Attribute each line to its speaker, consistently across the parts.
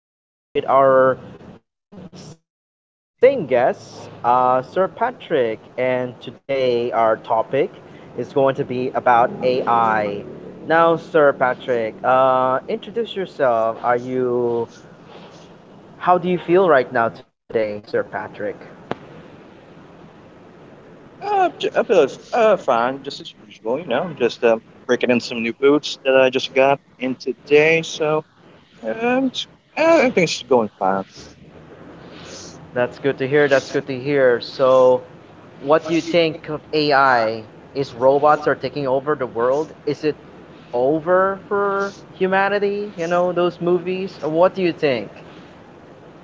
Speaker 1: And today we're in episode two with our same guest, Sir Patrick. And today our topic is going to be about AI. Now, Sir Patrick, introduce yourself. How do you feel right now today, Sir Patrick?
Speaker 2: I feel it's, fine, just as usual. I'm just breaking in some new boots that I just got in today. So um, it's- I think it's going fine.
Speaker 1: That's good to hear. That's good to hear. So, what do you think of AI? Is robots are taking over the world? Is it over for humanity? You know, those movies? What do you think?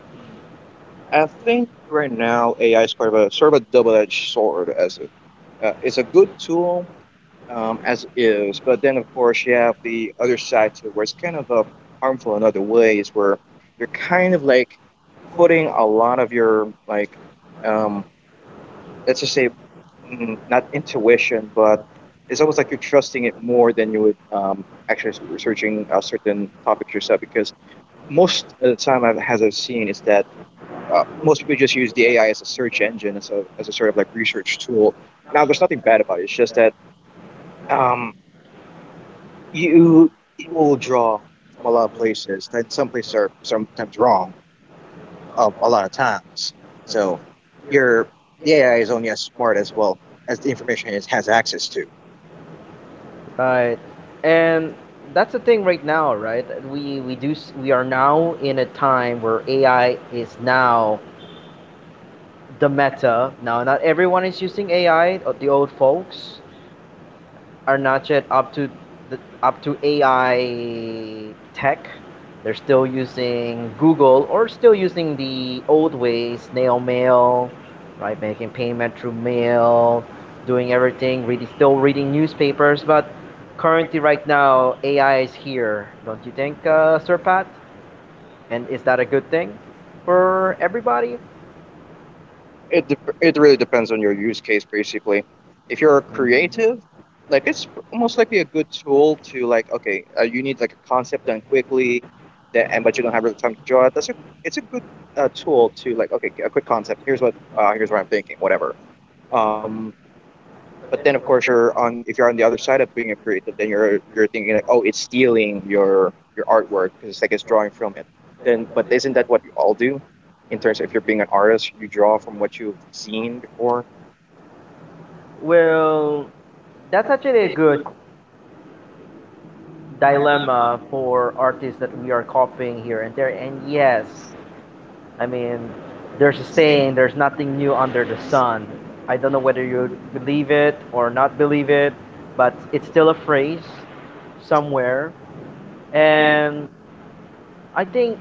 Speaker 2: Hmm. I think right now AI is kind of a sort of a double-edged sword. It's a good tool as is, but then of course you have the other side to it, where it's kind of harmful in other ways, where you're kind of like putting a lot of your um, let's just say, not intuition, but it's almost like you're trusting it more than you would actually researching certain topics yourself. Because most of the time, as I've seen, is that most people just use the AI as a search engine, as a sort of like research tool. Now, there's nothing bad about it. It's just that um, you it will draw from a lot of places, and some places are sometimes wrong a lot of times. So, your the AI is only as smart as, well, as the information it has access to.
Speaker 1: Right. And that's the thing right now, right? That we do s- We are now in a time where AI is now the meta. Now, not everyone is using AI, the old folks. Are not yet up up to AI tech. They're still using Google or still using the old ways, snail mail, right? Making payment through mail, doing everything, really still reading newspapers. But currently, right now, AI is here, don't you think, Sir Pat? And is that a good thing for everybody?
Speaker 2: It really depends on your use case, basically. If you're a creative, like it's most likely a good tool to, like, okay, you need like a concept done quickly, that and but you don't have really time to draw it. That's a It's a good tool to, like, okay, a quick concept, here's what I'm thinking, whatever. um but then of course you're on if you're on the other side of being a creative, then you're thinking like, oh, it's stealing your artwork because it's like it's drawing from it. Then but isn't that what you all do? In terms of, if you're being an artist, you draw from what you've seen before.
Speaker 1: Well, that's actually a good dilemma for artists that we are copying here and there. And yes, I mean, there's a saying, there's nothing new under the sun. I don't know whether you believe it or not believe it, but it's still a phrase somewhere. And I think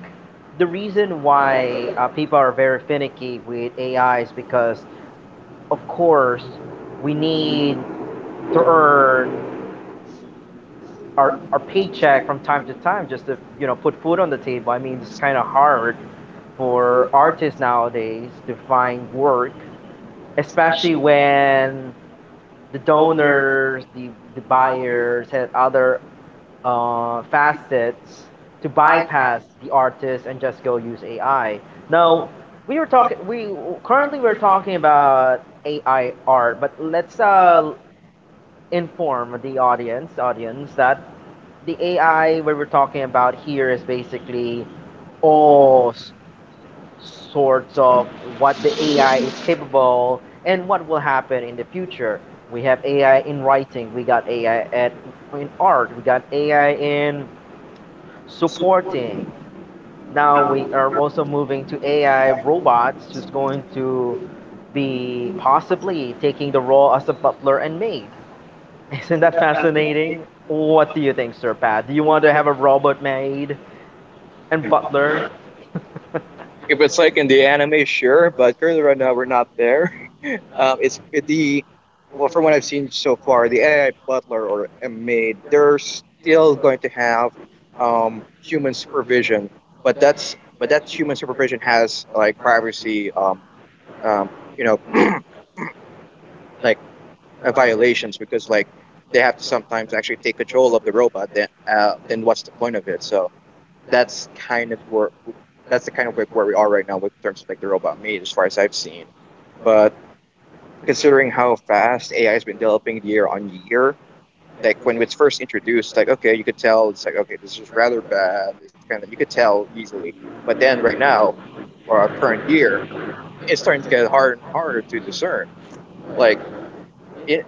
Speaker 1: the reason why people are very finicky with AI is because, of course, we need to earn our paycheck from time to time just to you know put food on the table. I mean, it's kind of hard for artists nowadays to find work, especially when the donors, the buyers, had other facets to bypass the artists and just go use AI. Now, we were talking. We currently we're talking about AI art, but let's inform the audience that the AI we were talking about here is basically all s- sorts of what the AI is capable and what will happen in the future. We have AI in writing, we got AI at in art, we got AI in supporting. Now we are also moving to AI robots who's going to be possibly taking the role as a butler and maid. Isn't that fascinating? What do you think, Sir Pat? Do you want to have a robot maid and butler?
Speaker 2: If it's like in the anime, sure, but currently right now we're not there. It's the Well, from what I've seen so far, the AI butler or a maid, they're still going to have human supervision, but that's but that human supervision has like privacy um, you know, like violations, because like they have to sometimes actually take control of the robot. Then what's the point of it? So that's kind of where, that's the kind of like where we are right now with terms of like the robot maid, as far as I've seen. But considering how fast AI has been developing year on year, like when it's first introduced, like okay, you could tell it's like, okay, this is rather bad. It's kind of, you could tell easily, but then right now, or our current year, it's starting to get harder and harder to discern. Like it,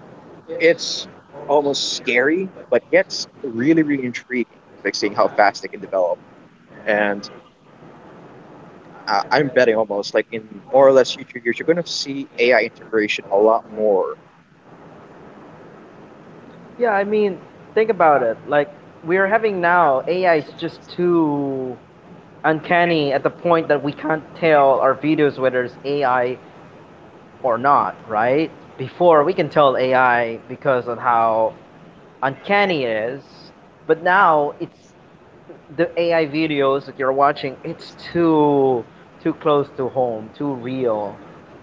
Speaker 2: it's almost scary, but yet really, really intriguing. Like seeing how fast they can develop, and I'm betting almost like in more or less future years, you're going to see AI integration a lot more.
Speaker 1: Yeah, I mean, think about it. Like, we're having now, AI is just too uncanny at the point that we can't tell our videos whether it's AI or not, right? Before, we can tell AI because of how uncanny it is, but now it's the AI videos that you're watching, it's too close to home, too real.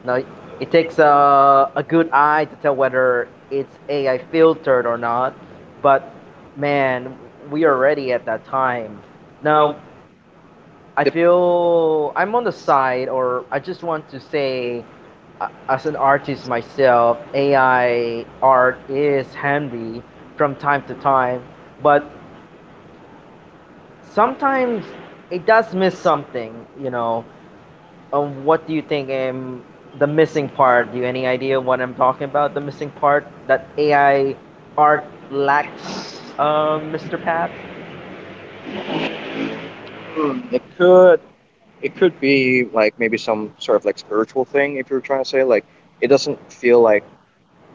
Speaker 1: Now it takes a good eye to tell whether it's AI filtered or not, but man, we are already at that time. Now I
Speaker 2: The,
Speaker 1: feel I'm on the side, or I just want to say, as an artist myself, AI art is handy from time to time, but sometimes it does miss something, you know. What do you think the missing part? Do you any idea what I'm talking about? The missing part that AI art lacks, Mr. Pat?
Speaker 2: hmm, it could be like maybe some sort of like spiritual thing. If you're trying to say, like, it doesn't feel like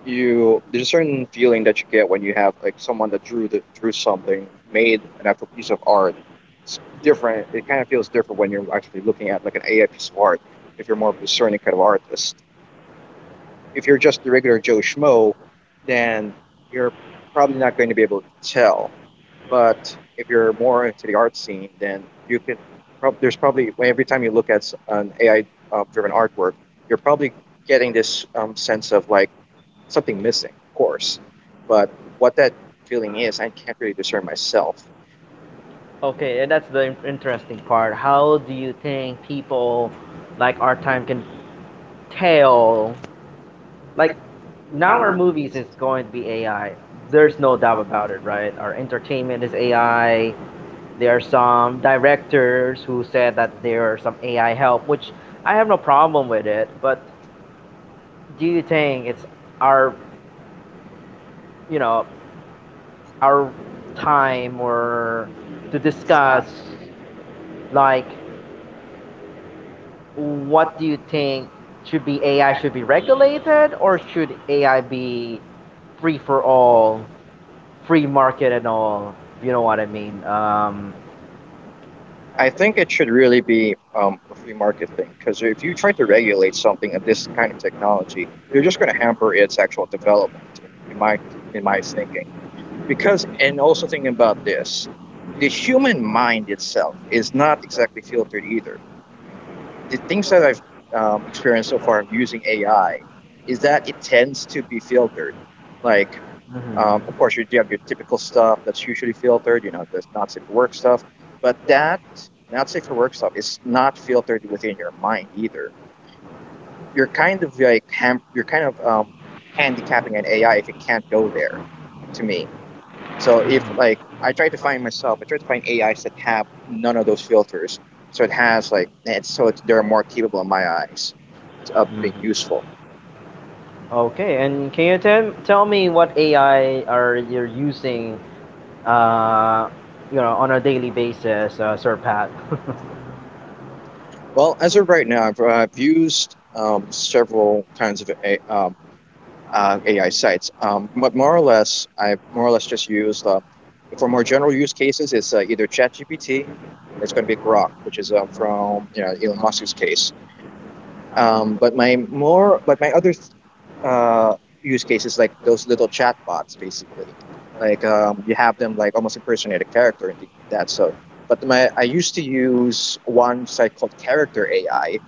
Speaker 2: you there's a certain feeling that you get when you have like someone that drew something, made an actual piece of art. It's different. It kind of feels different when you're actually looking at like an AI piece of art, if you're more of a discerning kind of artist. If you're just the regular Joe Schmo, then you're probably not going to be able to tell. But if you're more into the art scene, then you could. There's probably, every time you look at an AI-driven artwork, you're probably getting this sense of like something missing, of course. But what that feeling is, I can't really discern myself.
Speaker 1: Okay, and that's the interesting part. How do you think people like our time can tell? Like, now our movies is going to be AI. There's no doubt about it, right? Our entertainment is AI. There are some directors who said that there are some AI help, which I have no problem with it. But do you think it's our, you know, our time or to discuss like what do you think should be AI should be regulated or should AI be free for all, free market and all? You know what I mean?
Speaker 2: I think it should really be a free market thing, because if you try to regulate something of this kind of technology, you're just going to hamper its actual development. In my in my thinking, because, and also thinking about this, the human mind itself is not exactly filtered either. The things that I've experienced so far using AI is that it tends to be filtered, like of course, you have your typical stuff that's usually filtered, you know, the not safe for work stuff. But that not safe for work stuff is not filtered within your mind either. You're kind of like you're kind of handicapping an AI if it can't go there. To me, so if like I try to find myself, I try to find AIs that have none of those filters. So it has like, they're more capable in my eyes of being
Speaker 1: Mhm.
Speaker 2: useful.
Speaker 1: Okay, and can you tell me what AI are you're using, uh, you know, on a daily basis, Sir Pat?
Speaker 2: Well, as of right now, I've used several kinds of AI sites. But more or less, just used for more general use cases. It's either ChatGPT or it's going to be Grok, which is from, you know, Elon Musk's case. But my other uh, use cases, like those little chatbots, basically, like you have them like almost impersonate a character and things like that. So, but my I used to use one site called Character AI,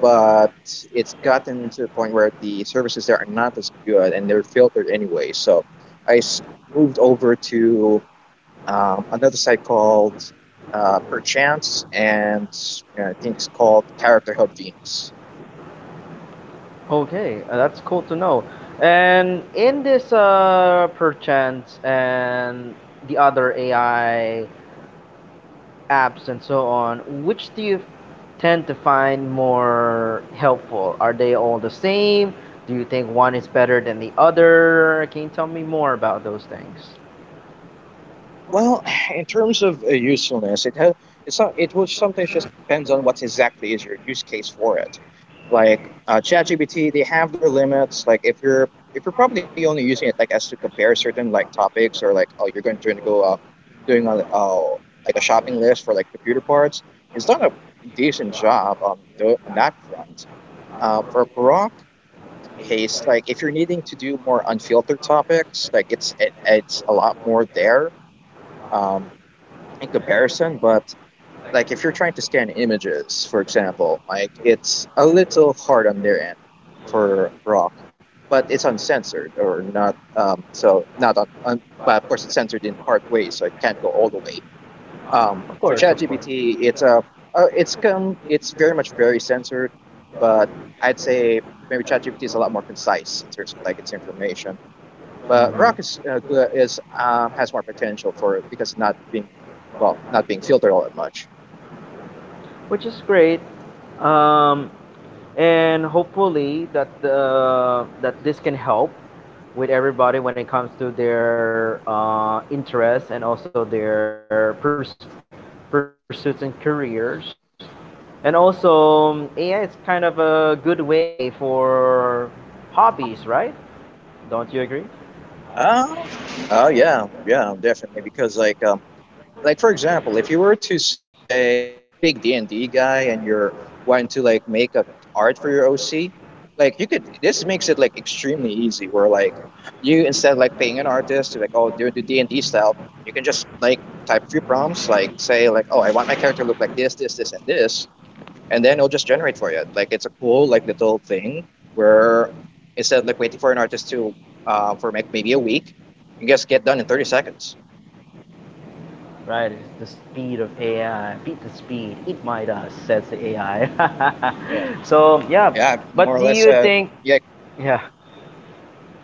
Speaker 2: but it's gotten to the point where the services there are not as good, and they're filtered anyway. So I s- moved over to another site called Perchance, and I think it's called Character Hub Venus.
Speaker 1: Okay, that's cool to know. And in this perchance and the other AI apps and so on, which do you tend to find more helpful? Are they all the same? Do you think one is better than the other? Can you tell me more about those things?
Speaker 2: Well, in terms of usefulness, it has it's not, it will sometimes just depends on what exactly is your use case for it. Like ChatGPT, they have their limits. Like if you're probably only using it like as to compare certain like topics, or like, oh, you're going to go doing a like a shopping list for like computer parts, it's done a decent job on on that front. For Grok case, like if you're needing to do more unfiltered topics, like it's a lot more there. Um, in comparison, but like if you're trying to scan images, for example, like it's a little hard on their end for Grok, but it's uncensored or not. But of course it's censored in part ways, so it can't go all the way.
Speaker 1: Of
Speaker 2: For
Speaker 1: course, of course.
Speaker 2: ChatGPT, it's a, it's come, it's very much very censored, but I'd say maybe ChatGPT is a lot more concise in terms of like its information. But Rock is
Speaker 1: Mm-hmm.
Speaker 2: has more potential for it because not being, well, not being filtered all that much.
Speaker 1: Which is great, um, and hopefully that this can help with everybody when it comes to their interests and also their pursuits and careers, and also AI is kind of a good way for hobbies, right? Don't you agree?
Speaker 2: Oh, oh yeah, yeah, definitely. Because like for example, if you were to say, like, if you're a big D and D guy and you're wanting to like make a art for your OC, like you could. This makes it like extremely easy. Where like you, instead of like paying an artist to like, oh, do the D and D style, you can just like type a few prompts, like say like, oh, I want my character to look like this, and this, and then it'll just generate for you. Like it's a cool like little thing where instead of like waiting for an artist to for like maybe a week, you just get done in 30 seconds.
Speaker 1: Right, it's the speed of AI. Beat the speed, eat my dust, says the AI.
Speaker 2: Yeah.
Speaker 1: So yeah,
Speaker 2: Yeah, more
Speaker 1: but
Speaker 2: or
Speaker 1: do
Speaker 2: less.
Speaker 1: you think,
Speaker 2: Yeah,
Speaker 1: yeah.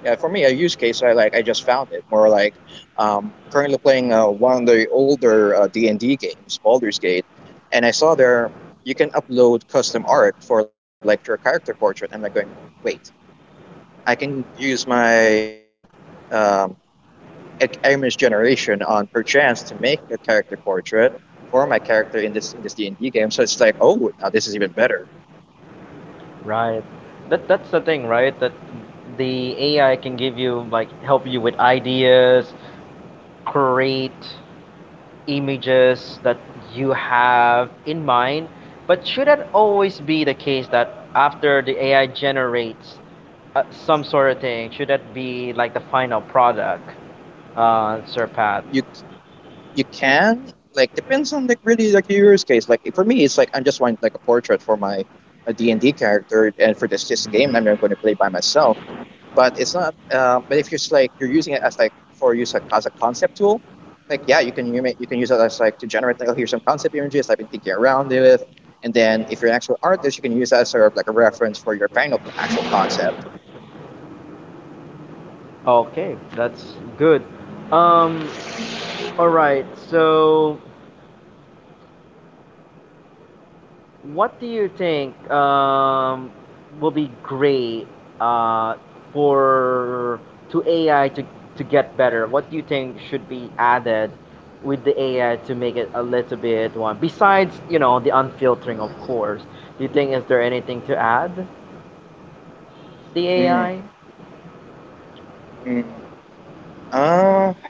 Speaker 2: yeah. For me, a use case I just found it more like currently playing one of the older D and D games, Baldur's Gate, and I saw there you can upload custom art for like your character portrait. I'm like going, wait, I can use my um, Amish generation on Perchance to make a character portrait for my character in this D and D game. So it's like, oh, now this is even better.
Speaker 1: Right. That that's the thing, right? That the AI can give you like help you with ideas, create images that you have in mind. But should that always be the case that after the AI generates some sort of thing, should that be like the final product, Sir Pat?
Speaker 2: You you can, like, depends on like really like your use case. Like for me, it's like I'm just wanting like a portrait for my a D and D character, and for this just a game I'm not going to play by myself. But it's not. But if you're just, like, you're using it as like for use like as a concept tool, like yeah, you can use it as like to generate like, oh, here's some concept images I've been thinking around with, and then if you're an actual artist, you can use that as sort of like a reference for your final actual concept.
Speaker 1: Okay, that's good. Um, all right. So what do you think will be great uh, for to AI to get better? What do you think should be added with the AI to make it a little bit one? Besides, you know, the unfiltering, of course. Do you think is there anything to add the
Speaker 2: Mm,
Speaker 1: AI?
Speaker 2: mm.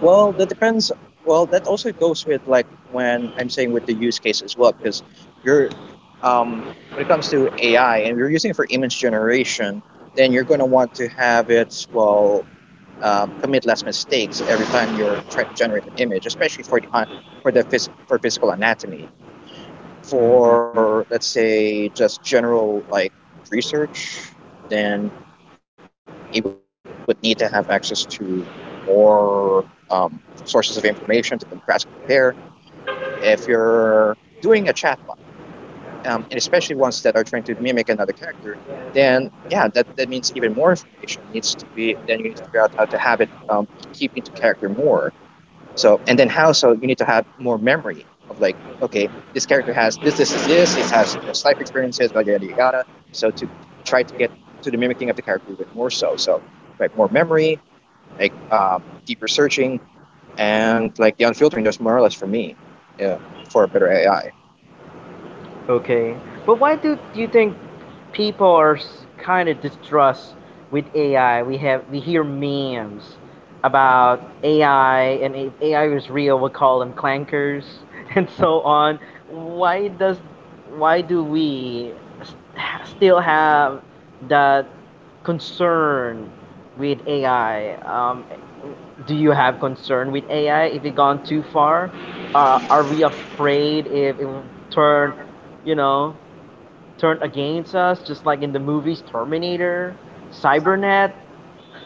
Speaker 2: Well, that depends. Well, that also goes with like when I'm saying with the use case as well, because you're um, when it comes to AI and you're using it for image generation, then you're going to want to have it commit less mistakes every time you're trying to generate an image, especially for the for the for physical anatomy. For let's say just general like research, then it would need to have access to more um, sources of information to contrast and compare. If you're doing a chatbot, and especially ones that are trying to mimic another character, then yeah, that means even more information needs to be, then you need to figure out how to have it be keep into character more. So and then how? So you need to have more memory of like, okay, this character has this, is this. It has this life experiences, yada yada yada. So to try to get to the mimicking of the character even more so. So like more memory, like deeper searching, and like the unfiltering. There's more or less for me, yeah, for a better AI.
Speaker 1: Okay. But why do you think people are kind of distrust with AI? We hear memes about AI, and if AI is real, we call them clankers and so on. Why does why do we still have that concern with AI? Do you have concern with AI if it gone too far? Are we afraid if it will turn, you know, turned against us, just like in the movies Terminator, Cybernet.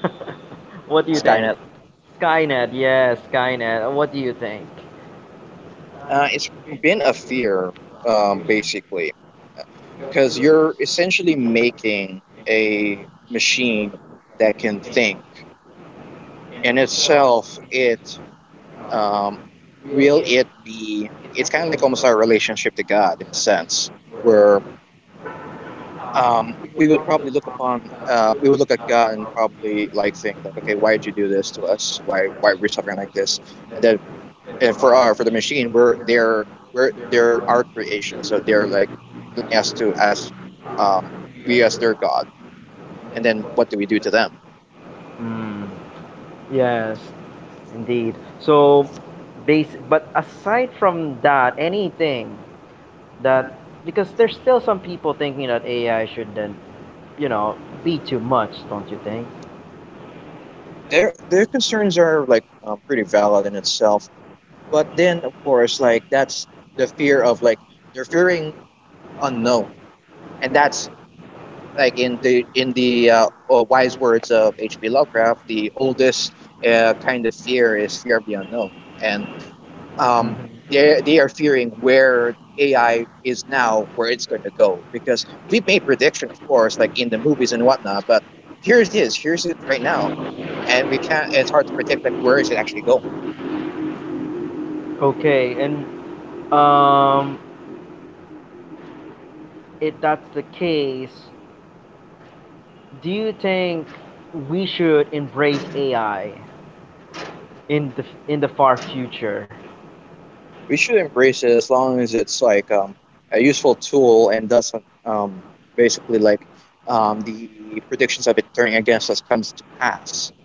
Speaker 1: What do you think?
Speaker 2: Skynet.
Speaker 1: Skynet, yes, Skynet. What do you think?
Speaker 2: It's been a fear, basically, because you're essentially making a machine that can think in itself it um, will it be it's kind of like almost our relationship to God in a sense where we would probably look upon we would look at God and probably like think like, okay, why did you do this to us, why are we suffering like this? And then and for our for the machine we're they're our creation, so they're like looking us to as um, we as their God, and then what do we do to them?
Speaker 1: Mm. Yes, indeed. So, basic. But aside from that, anything that because there's still some people thinking that AI shouldn't, you know, be too much, don't you think?
Speaker 2: Their concerns are like pretty valid in itself. But then, of course, like that's the fear of like they're fearing unknown, and that's like in the in the wise words of H.P. Lovecraft, the oldest kind of fear is fear of the unknown, and um, they are fearing where AI is now, where it's going to go, because we've made prediction, of course, like in the movies and whatnot, but. Here it is. Here's it right now, and we can't. It's hard to predict like where is it actually going.
Speaker 1: Okay, and um, if that's the case, do you think we should embrace AI in the in the far future?
Speaker 2: We should embrace it as long as it's like a useful tool and doesn't basically like the predictions of it turning against us comes to pass.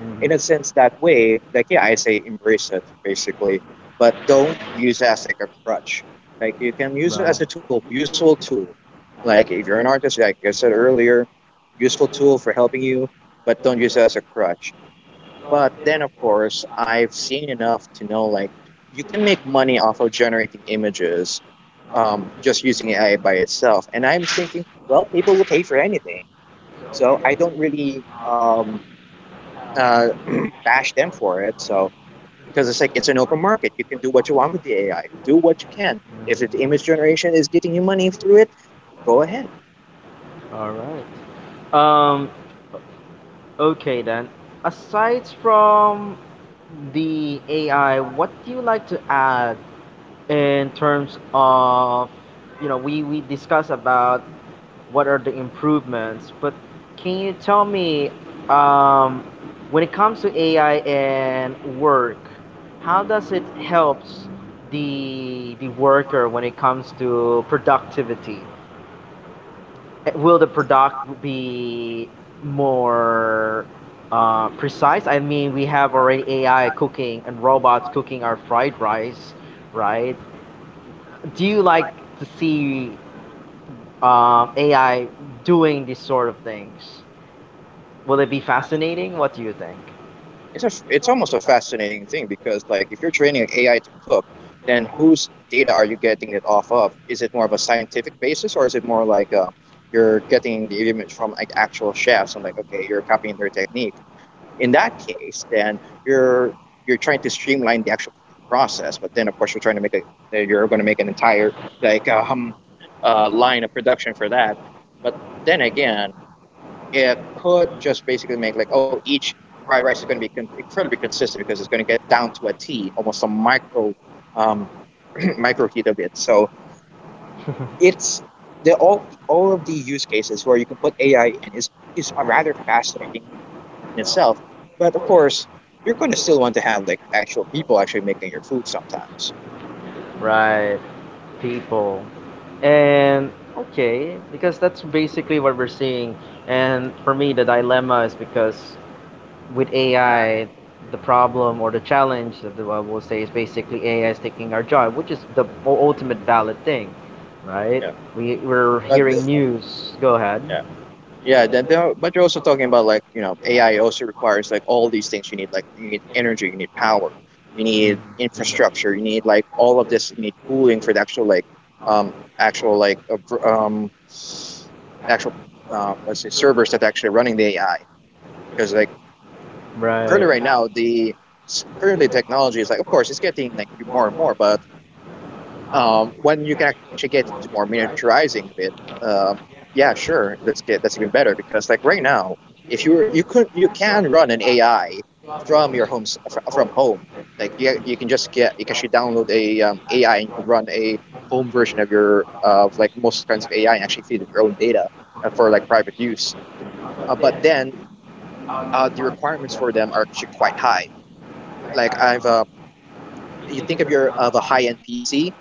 Speaker 1: Mhm.
Speaker 2: In a sense, that way, like yeah, I say embrace it basically, but don't use it as like a crutch. Like you can use it
Speaker 1: Right.
Speaker 2: as a tool, useful tool. Like if you're an artist, like I said earlier, useful tool for helping you, but don't use it as a crutch. But then, of course, I've seen enough to know like you can make money off of generating images just using AI by itself. And I'm thinking, well, people will pay for anything, so I don't really uh, bash them for it. So because it's like it's an open market, you can do what you want with the AI, do what you can. If the image generation is getting you money through it, go ahead.
Speaker 1: All right. Okay then. Aside from the AI, what do you like to add in terms of, you know, we discussed about what are the improvements. But can you tell me, um, when it comes to AI and work, how does it helps the worker when it comes to productivity? Eh, will the product be more precise? I mean, we have already AI cooking and robots cooking our fried rice, right? Do you like to see AI doing these sort of things? Will it be fascinating? What do you think?
Speaker 2: It's almost a fascinating thing because like if you're training AI to cook, then whose data are you getting it off of? Is it more of a scientific basis or is it more like you're getting the image from like actual chefs and like, okay, you're copying their technique? In that case, then you're trying to streamline the actual cooking process, but then of course you're trying to make a you're going to make an entire like line of production for that. But then again, it could just basically make like, oh, each fried rice is going to be incredibly consistent because it's going to get down to a T, almost a micro um, micro heat of it. So it's the all of the use cases where you can put AI in is a rather fascinating in itself. But of course, you're going to still want to have like actual people actually making your food sometimes.
Speaker 1: Right. People. And okay, because that's basically what we're seeing. And for me, the dilemma is because with AI, the problem or the challenge that I will say is basically AI is taking our job, which is the ultimate valid thing, right?
Speaker 2: Yeah.
Speaker 1: We're
Speaker 2: But
Speaker 1: hearing news. Go ahead.
Speaker 2: yeah. Yeah, then but you're also talking about like you know AI also requires like all these things you need like you need energy, you need power, you need infrastructure, you need like all of this, you need cooling for the actual like actual like actual let's say servers that are actually running the AI because like currently
Speaker 1: Right.
Speaker 2: right now currently technology is like of course it's getting like more and more but when you can actually get to more miniaturizing of it, um, yeah, sure, that's good. That's even better because like right now, if you were, you could you can run an AI from your home from home. Like you can just get you can actually download a AI and you can run a home version of your of like most kinds of AI and actually feed it your own data for like private use. But then the requirements for them are actually quite high. Like I've you think of your of a high end PC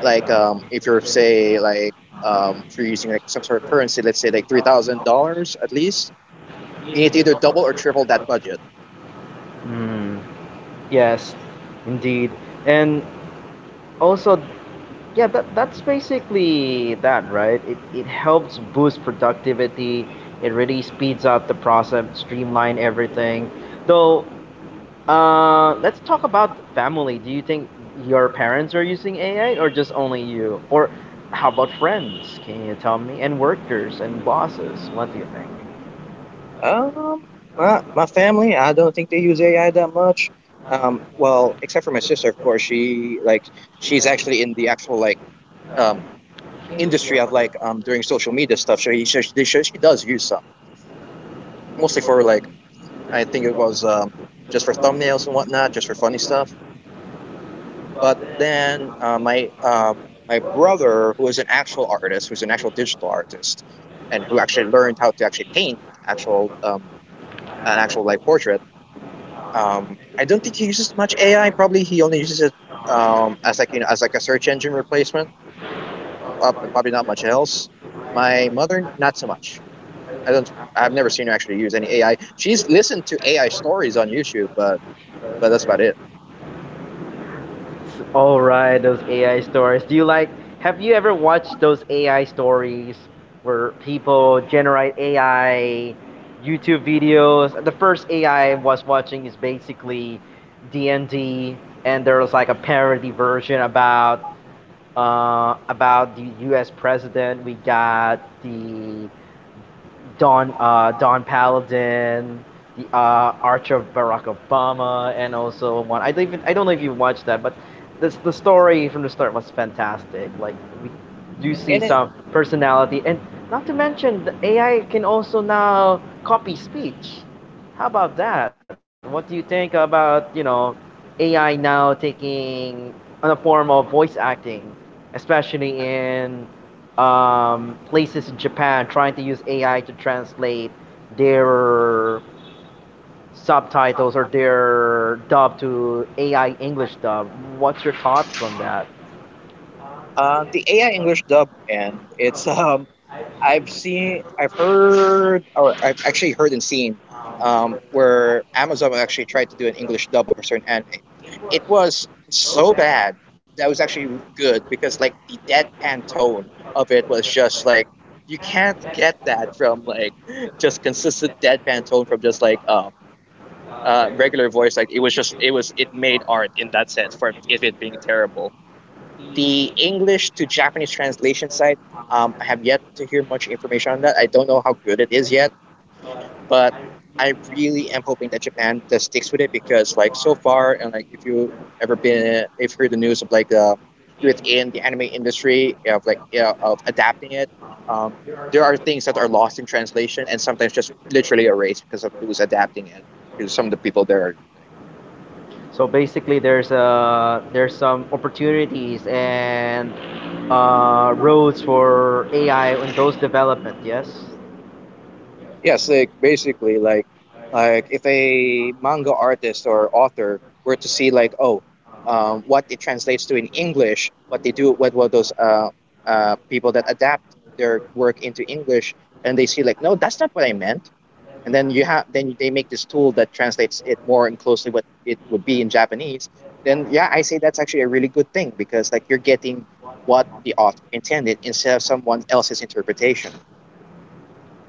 Speaker 2: like if you're using like some sort of currency, let's say like $3,000 at least, you need to either double or triple that budget.
Speaker 1: Mm, yes, indeed. And also, yeah, that, that's basically that, right? It helps boost productivity. It really speeds up the process, streamline everything. Though, let's talk about family. Do you think your parents are using AI or just only you? Or how about friends? Can you tell me? And workers and bosses, what do you think?
Speaker 2: Um, my family, I don't think they use AI that much. Well, except for my sister, of course. She like she's actually in the actual like um industry of like doing social media stuff. So she does use some mostly for like I think it was just for thumbnails and whatnot, just for funny stuff. But then my brother, who is an actual artist, who's an actual digital artist, and who actually learned how to actually paint actual an actual like portrait. I don't think he uses much AI. Probably he only uses it as like you know as like a search engine replacement. Probably not much else. My mother, not so much. I don't. I've never seen her actually use any AI. She's listened to AI stories on YouTube, but that's about it.
Speaker 1: All right, those AI stories. Do you like? Have you ever watched those AI stories where people generate AI YouTube videos? The first AI I was watching is basically D and D, and there was like a parody version about the U.S. president. We got the Don, Don Paladin, the Archer of Barack Obama, and also one I don't even, I don't know if you watched that, but this the story from the start was fantastic. Like we do see
Speaker 2: And it,
Speaker 1: some personality, and not to mention the AI can also now copy speech. How about that? What do you think about, you know, AI now taking on a form of voice acting, especially in places in Japan trying to use AI to translate their subtitles or their dub to AI English dub. What's your thoughts on that?
Speaker 2: the AI English dub, and it's I've seen, I've heard, or I've actually heard and seen where Amazon actually tried to do an English dub of a certain anime. It was so bad that was actually good because like the deadpan tone of it was just like you can't get that from like just consistent deadpan tone from just like regular voice. Like it was just it made art in that sense for if it being terrible. The English to Japanese translation site, I have yet to hear much information on that. I don't know how good it is yet, but I really am hoping that Japan does sticks with it because, like, so far, and like, if you ever been, if heard the news of like the within the anime industry, yeah, of like you know, of adapting it, um, there are things that are lost in translation and sometimes just literally erased because of who's adapting it. Because some of the people there are.
Speaker 1: So basically, there's a there's some opportunities and roads for AI in those development. Yes.
Speaker 2: Yes, like basically, like if a manga artist or author were to see like, oh, what it translates to in English, what they do, what those people that adapt their work into English, and they see like, no, that's not what I meant, and then you have then they make this tool that translates it more and closely what it would be in Japanese. Then yeah, I say that's actually a really good thing because like you're getting what the author intended instead of someone else's interpretation.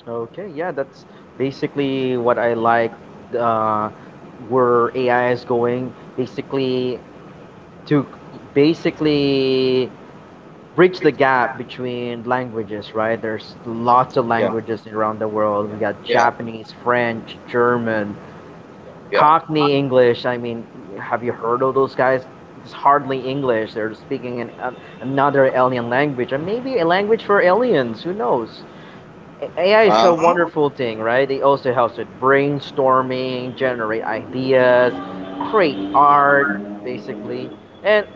Speaker 1: Okay. Yeah, that's basically what I like. Uh, where AI is going, basically to basically bridge the gap between languages, right? There's lots
Speaker 2: Yeah,
Speaker 1: of languages around the world. We got
Speaker 2: yeah,
Speaker 1: Japanese, French, German,
Speaker 2: yeah.
Speaker 1: Cockney English. I mean, have you heard of those guys? It's hardly English. They're speaking an, another alien language, or maybe a language for aliens. Who knows? AI is a
Speaker 2: Wow.
Speaker 1: wonderful thing, right? It also helps with brainstorming, generate ideas, create art, basically. And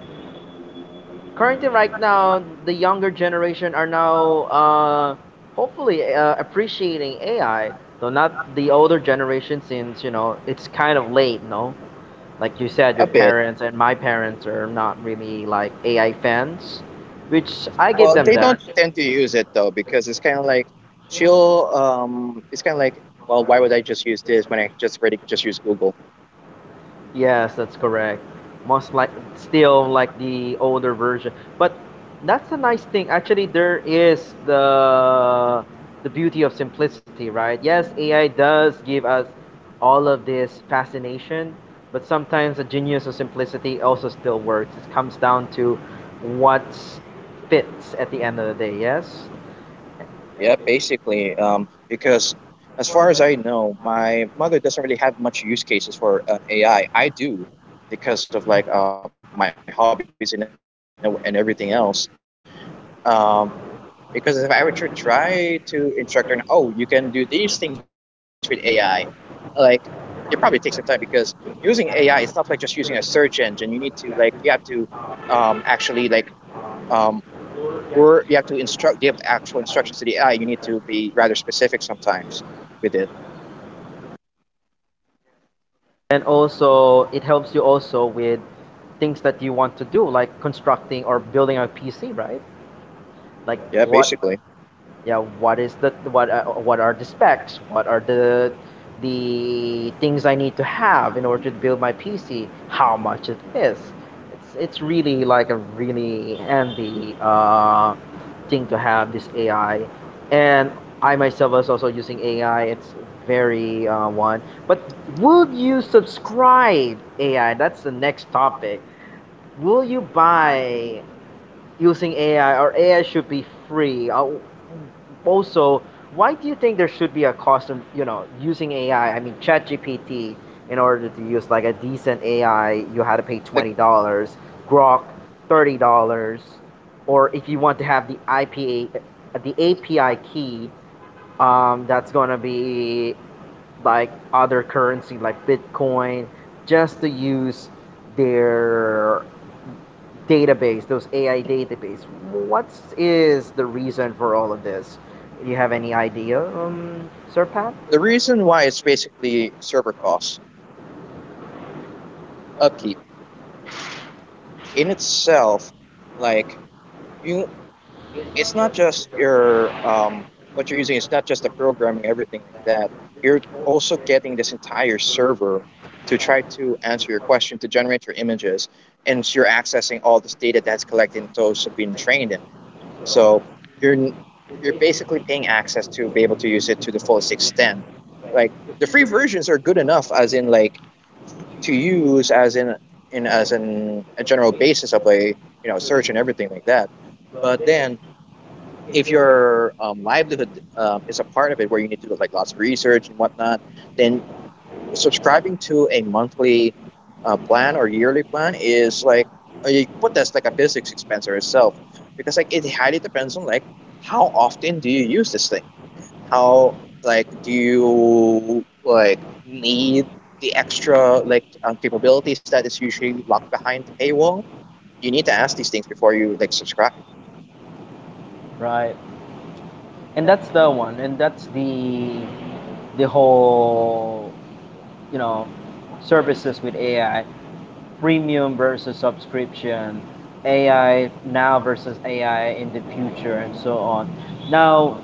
Speaker 1: currently right now the younger generation are now hopefully appreciating AI, though not the older generation, since you know it's kind of late. No, like you said, your
Speaker 2: A bit.
Speaker 1: parents and my parents are not really like AI fans, which I give
Speaker 2: Well,
Speaker 1: them
Speaker 2: they
Speaker 1: that.
Speaker 2: don't tend to use it though because it's kind of like she'll it's kind of like, well, why would I just use this when I just already just use Google?
Speaker 1: Yes, that's correct. Most like still like the older version. But that's a nice thing. Actually, there is the beauty of simplicity, right? Yes, AI does give us all of this fascination, but sometimes the genius of simplicity also still works. It comes down to what fits at the end of the day, yes?
Speaker 2: Yeah, basically because as far as I know, my mother doesn't really have much use cases for an AI. I do because of like my hobbies and everything else. Um Because if I were to try to instruct and, oh, you can do these things with AI, like it probably takes some time because using AI, it's not like just using a search engine. You need to you have to um, actually like um, you have to instruct give actual instructions to the AI. You need to be rather specific sometimes with it.
Speaker 1: And also it helps you also with things that you want to do, like constructing or building a PC, right? Like
Speaker 2: Yeah,
Speaker 1: what,
Speaker 2: basically.
Speaker 1: yeah, what is the what, what are the specs, what are the things I need to have in order to build my PC, how much it is? It's really like a really handy thing to have this AI. And I myself was also using AI. It's very one, but would you subscribe AI? That's the next topic. Will you buy using AI, or AI should be free? Also, why do you think there should be a cost of, you know, using AI? I mean, ChatGPT, in order to use like a decent AI, you had to pay
Speaker 2: The
Speaker 1: $20, Grok, $30, or if you want to have the IPA, the API key, that's going to be like other currency like Bitcoin, just to use their database, those AI database. What is the reason for all of this? Do you have any idea, Sir Pat?
Speaker 2: the reason why it's basically server costs upkeep in itself, like you it's not just your what you're using. It's not just the programming, everything like that. You're also getting this entire server to try to answer your question, to generate your images, and you're accessing all this data that's collected and those have been trained in it. So you're you're basically paying access to be able to use it to the fullest extent. Like the free versions are good enough, as in like to use as in as in a general basis of a you know search and everything like that. But then if your livelihood is a part of it where you need to do like lots of research and whatnot, then subscribing to a monthly plan or yearly plan is like you could put that's like a business expense or itself because like it highly depends on like how often do you use this thing, how like do you like need the extra like capabilities that is usually locked behind the paywall. You need to ask these things before you like subscribe.
Speaker 1: Right. And that's the one. And that's the whole, you know, services with AI, premium versus subscription, AI now versus AI in the future and so on. Now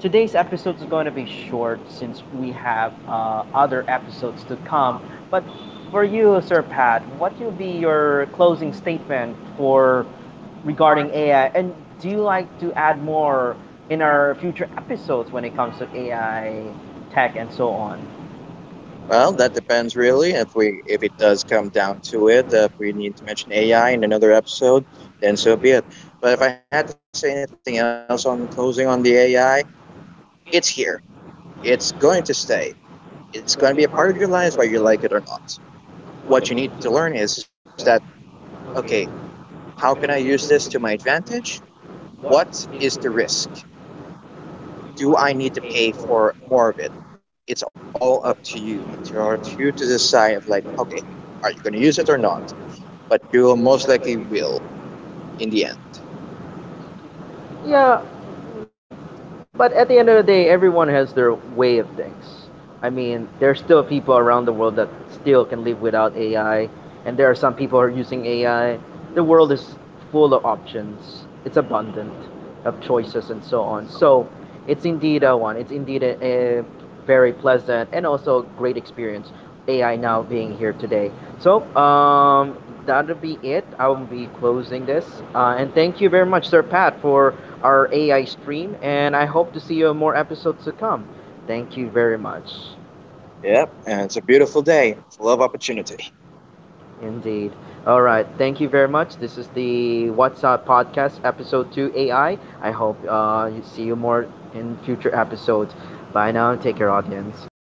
Speaker 1: today's episode is going to be short since we have other episodes to come. But for you, Sir Pat, what will be your closing statement for regarding AI? And do you like to add more in our future episodes when it comes to AI, tech, and so on?
Speaker 2: Well, that depends really. If it does come down to it, if we need to mention AI in another episode, then so be it. But if I had to say anything else on closing on the AI, it's here. It's going to stay. It's going to be a part of your lives whether you like it or not. What you need to learn is that, okay, how can I use this to my advantage? What is the risk? Do I need to pay for more of it? It's all up to you or to you to decide of like, okay, are you going to use it or not? But you most likely will in the end.
Speaker 1: Yeah, but at the end of the day, everyone has their way of things. I mean, there's still people around the world that still can live without AI, and there are some people who are using AI. The world is full of options. It's abundant of choices and so on. So, it's indeed a one. It's indeed a very pleasant and also great experience. AI now being here today. So that'll be it. I'll be closing this. And thank you very much, Sir Pat, for our AI stream. And I hope to see you in more episodes to come. Thank you very much.
Speaker 2: Yep, and it's a beautiful day full of opportunity.
Speaker 1: Indeed. All right. Thank you very much. This is the What's Up podcast, episode 2 AI. I hope you see you more in future episodes. Bye now. Take care, audience.